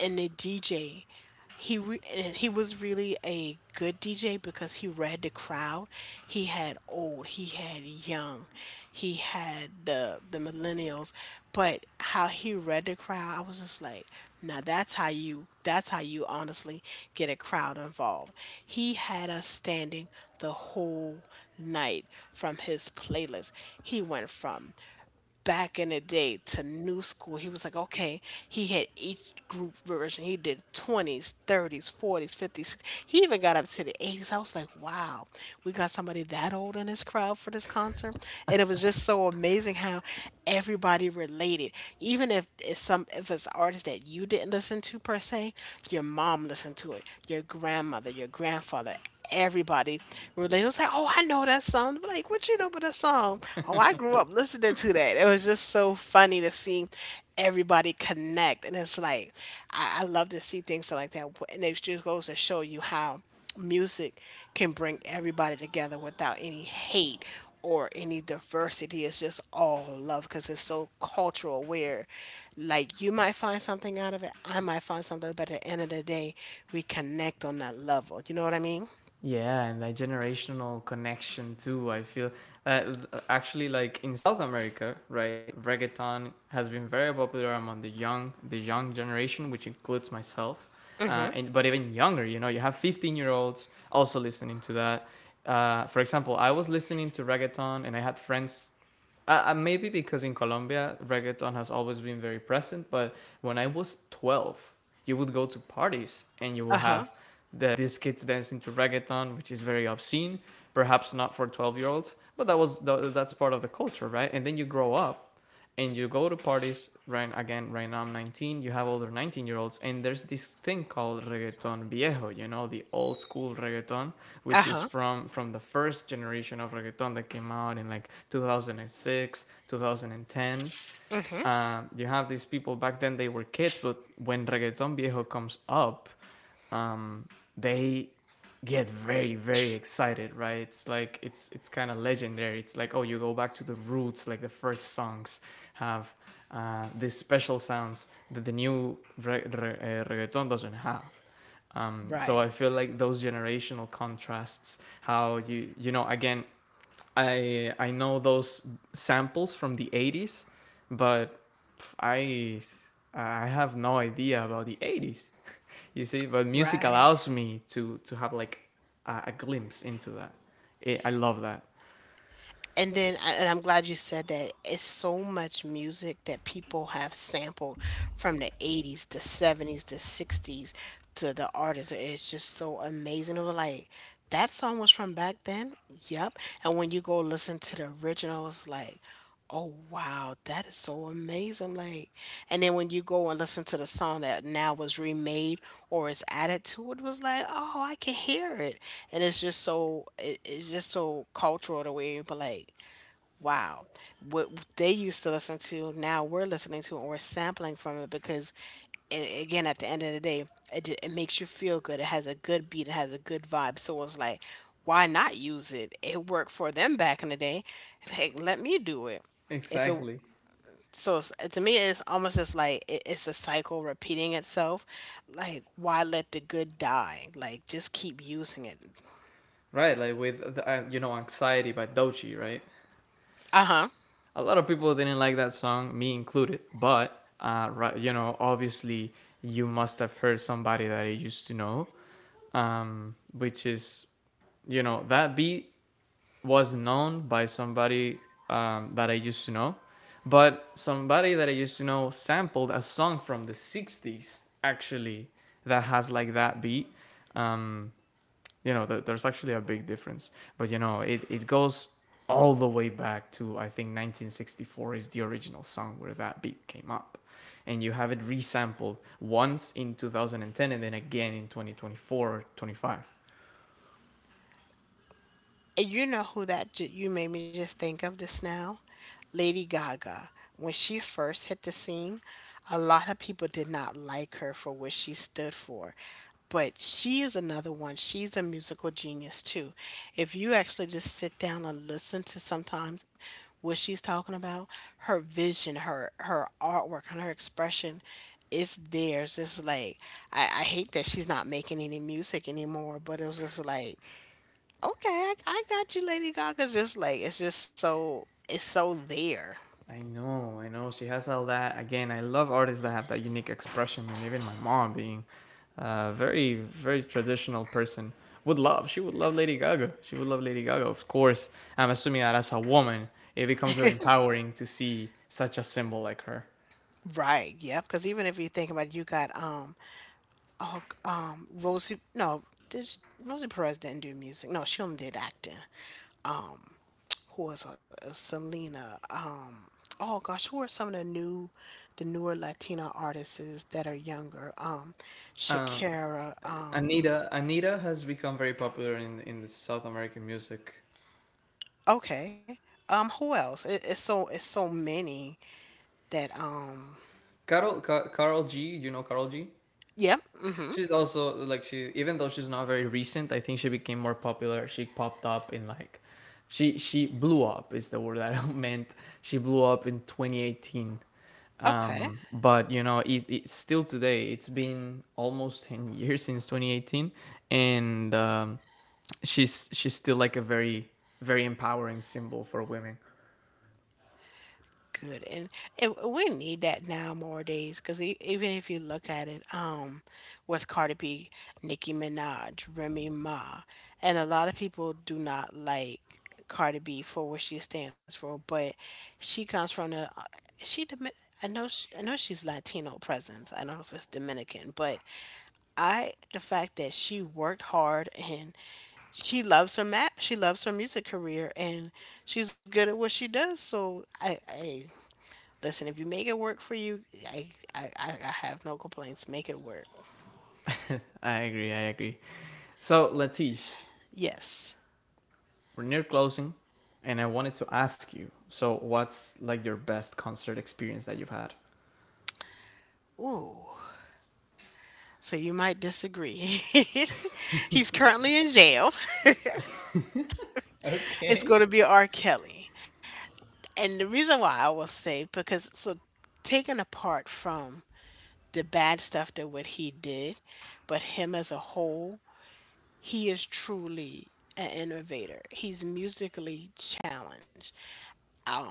and the DJ, and he was really a good DJ, because he read the crowd. He had old, he had young, he had the millennials, but how he read the crowd, I was just like, now, that's how you honestly get a crowd involved. He had us standing the whole night from his playlist. He went from back in the day to new school. He was like, okay, he had each group version. He did 20s, 30s, 40s, 50s. He even got up to the 80s. I was like, wow, we got somebody that old in this crowd for this concert. And it was just so amazing how everybody related. Even if it's an artist that you didn't listen to per se, your mom listened to it, your grandmother, your grandfather, everybody related. Was like, oh, I know that song. I'm like, what you know about that song? Oh, I grew up listening to that. It was just so funny to see everybody connect. And it's like, I love to see things like that. And it just goes to show you how music can bring everybody together, without any hate or any diversity. It's just all love, because it's so cultural aware. Like, you might find something out of it, I might find something, but at the end of the day, we connect on that level. You know what I mean?
Yeah, and that generational connection too. I feel uh, Actually, like in South America, right? Reggaeton has been very popular among the young generation, which includes myself. Uh,
Mhm.
and but even younger, you know, you have 15-year-olds also listening to that. For example, I was listening to reggaeton, and I had friends maybe because in Colombia, reggaeton has always been very present. But when I was 12, you would go to parties and you will
Uh-huh.
have these kids dancing to reggaeton, which is very obscene, perhaps not for 12-year-olds, but that that's part of the culture, right? And then you grow up and you go to parties right again. Right now I'm 19, you have older 19-year olds, and there's this thing called reggaeton viejo, you know, the old school reggaeton, which is
Uh-huh.
from the first generation of reggaeton that came out in like 2006, 2010.
Mhm.
You have these people back then they were kids, but when reggaeton viejo comes up, um, they get very excited, right? It's like it's kind of legendary. It's like, oh, you go back to the roots, like the first songs have these special sounds that the new reggaeton doesn't have. So I
Right.
feel like those generational contrasts, how you, you know, again, I know those samples from the 80s, but I I have no idea about the 80s. You see, but music
Right.
allows me to have like a glimpse into that. I love that.
And then, I- and I'm glad you said that. It's so much music that people have sampled, from the 80s, the 70s, the 60s, to the artists. It's just so amazing. It was like, that song was from back then? Yep. And when you go listen to the originals, like, oh, wow, that is so amazing. Like, and then when you go and listen to the song that now was remade or is added to it, was like, oh, I can hear it, and it's just so, it's just so cultural, the way people like, wow, what they used to listen to, now we're listening to, and we're sampling from it, because, again, at the end of the day, it makes you feel good. It has a good beat. It has a good vibe. So it's like, why not use it? It worked for them back in the day. Like, let me do it. If it
Exactly.
So it's, to me, it's almost just like it's a cycle repeating itself. Like, why let the good die? Like, just keep using it.
Right, like with the, you know, anxiety by Dochi, right?
Uh huh.
A lot of people didn't like that song, me included, but right, you know, obviously you must have heard Somebody That I Used to Know, which is, you know, that beat was known by Somebody That I Used to Know, but Somebody That I Used to Know sampled a song from the 60s, actually, that has like that beat. Um, you know, there's actually a big difference, but you know, it goes all the way back to, I think, 1964, is the original song where that beat came up. And you have it resampled once in 2010 and then again in 2024, 25.
And you know who that you made me just think of just now? Lady Gaga. When she first hit the scene, a lot of people did not like her for what she stood for. But she is another one. She's a musical genius too. If you actually just sit down and listen to sometimes what she's talking about, her vision, her artwork and her expression is theirs. It's like I hate that she's not making any music anymore, but it was just like, okay, I got you. Lady Gaga's just like, it's just so, it's so there.
I know, I know. She has all that. Again, I love artists that have that unique expression. And even my mom, being a very traditional person, would love. She would love Lady Gaga. She would love Lady Gaga, of course. I'm assuming that as a woman, it becomes very empowering to see such a symbol like her.
Right, yep. Because even if you think about it, you got oh Rosie, no did sh- Rosie Perez didn't do music. No, she only did acting. Um, who was her? Selena. Oh gosh, who are some of the new, the newer Latina artists that are younger?
Um,
Shakira.
Anita, Anita has become very popular in the South American music.
Okay. Who else? It's so many that.
Carol G. Do you know Carol G?
Yep. Mm-hmm.
She's also like, she, even though she's not very recent, I think she became more popular. She popped up in like, she blew up is the word that I meant. She blew up in 2018.
Okay,
But you know, it, it's still today. It's been almost 10 years since 2018, and she's still like a very empowering symbol for women.
good. And we need that now more days, because even if you look at it, with Cardi B, Nicki Minaj, Remy Ma, and a lot of people do not like Cardi B for what she stands for, but she comes from the she Domi- I know she, I know she's Latino presence. I don't know if it's Dominican, but I, the fact that she worked hard and she loves her map, she loves her music career, and she's good at what she does. So I listen, if you make it work for you, i I I have no complaints, make it work.
I agree. I agree. So, Latish,
Yes.
we're near closing, and I wanted to ask you. So, what's like your best concert experience that you've had?
Ooh, so you might disagree. He's currently in jail. It's
Okay.
going to be R. Kelly, and the reason why I will say, because so, taken apart from the bad stuff that what he did, but him as a whole, he is truly an innovator. He's musically challenged. Um,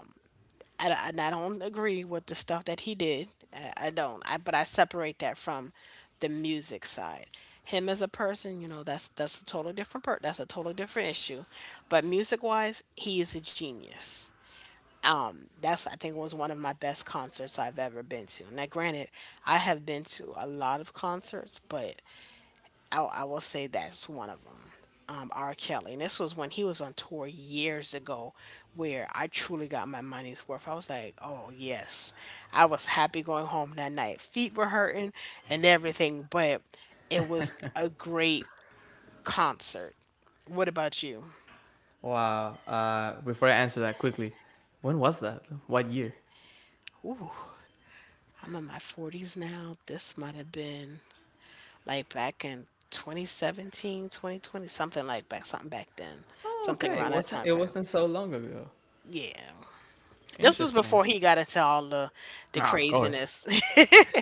I don't agree with the stuff that he did. I don't. I, but I separate that from the music side. Him as a person, you know, that's a totally that's a totally different issue. But music wise, he is a genius. That's, I think, was one of my best concerts I've ever been to. Now, granted, I have been to a lot of concerts, but I will say that's one of them. R. Kelly, and this was when he was on tour years ago, where I truly got my money's worth. I was like, "Oh yes," I was happy going home that night. Feet were hurting and everything, but it was a great concert. What about you?
Wow. Before I answer that quickly, when was that? What year?
Ooh, I'm in my 40s now. This might have been like back in 2017, 2020, something like back, something back then,
Oh,
something
okay. It
around that
wasn't.
time
It
frame.
wasn't so long ago.
Yeah. This was
Interesting.
before he got into all the
Ah, of course.
craziness.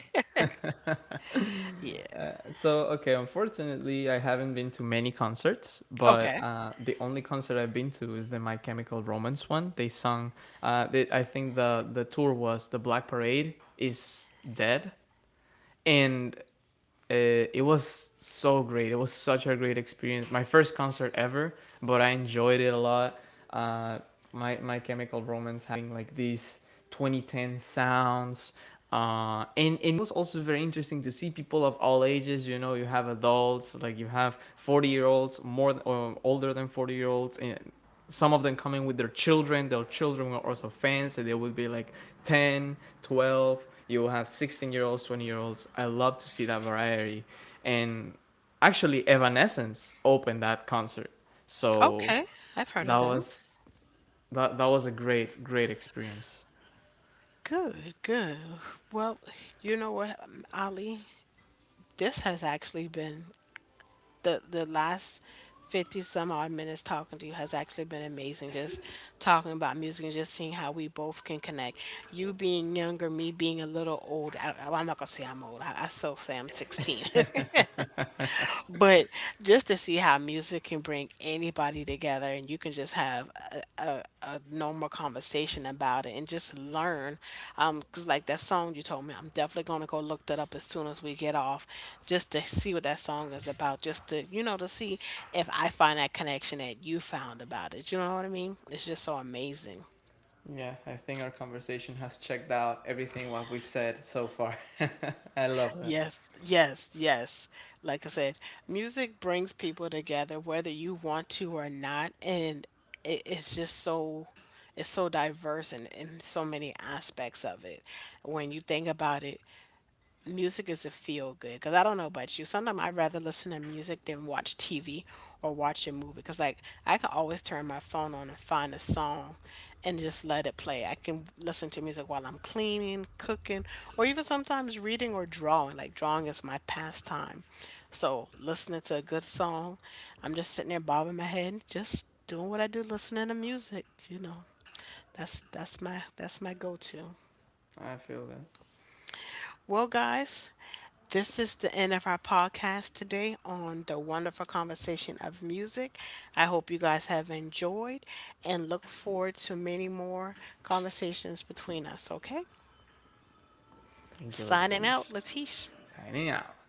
Yeah.
So, okay. Unfortunately, I haven't been to many concerts, but
Okay.
the only concert I've been to is the My Chemical Romance one. They sung. I think the tour was the Black Parade Is Dead, and it was so great. It was such a great experience. My first concert ever, but I enjoyed it a lot. Uh, my My Chemical Romance having like these 2010 sounds, and it was also very interesting to see people of all ages. You know, you have adults, like you have 40-year-olds, or older than 40 year olds, and some of them coming with their children. Their children were also fans, and they would be like 10, 12. You will have 16-year olds, 20-year olds. I love to see that variety. And actually, Evanescence opened that concert, so
Okay, I've heard
that
of them.
was, that, that was a great great experience.
Good, good. Well, you know what, Ali? This has actually been the last 50 some odd minutes talking to you has actually been amazing. Just talking about music and just seeing how we both can connect. You being younger, me being a little old. Am not going to say I'm old. I still say I'm 16. But just to see how music can bring anybody together, and you can just have a normal conversation about it and just learn. Um, cause like that song you told me, I'm definitely gonna go look that up as soon as we get off, just to see what that song is about, just to, you know, to see if I find that connection that you found about it. You know what I mean? It's just so amazing.
Yeah, I think our conversation has checked out everything what we've said so far. I love that.
Yes, yes, yes. Like I said, music brings people together whether you want to or not, and it's just so, it's so diverse in so many aspects of it. When you think about it, music is a feel good, because I don't know about you. Sometimes I'd rather listen to music than watch TV or watch a movie because, like, I can always turn my phone on and find a song and just let it play. I can listen to music while I'm cleaning, cooking, or even sometimes reading or drawing. Like, drawing is my pastime. So, listening to a good song, I'm just sitting there bobbing my head, just doing what I do, listening to music, you know. That's my go-to.
I feel that.
Well, guys, this is the end of our podcast today on the wonderful conversation of music. I hope you guys have enjoyed and look forward to many more conversations between us, okay?
Thank you,
Signing out,
Latish.
Latish.
Signing out.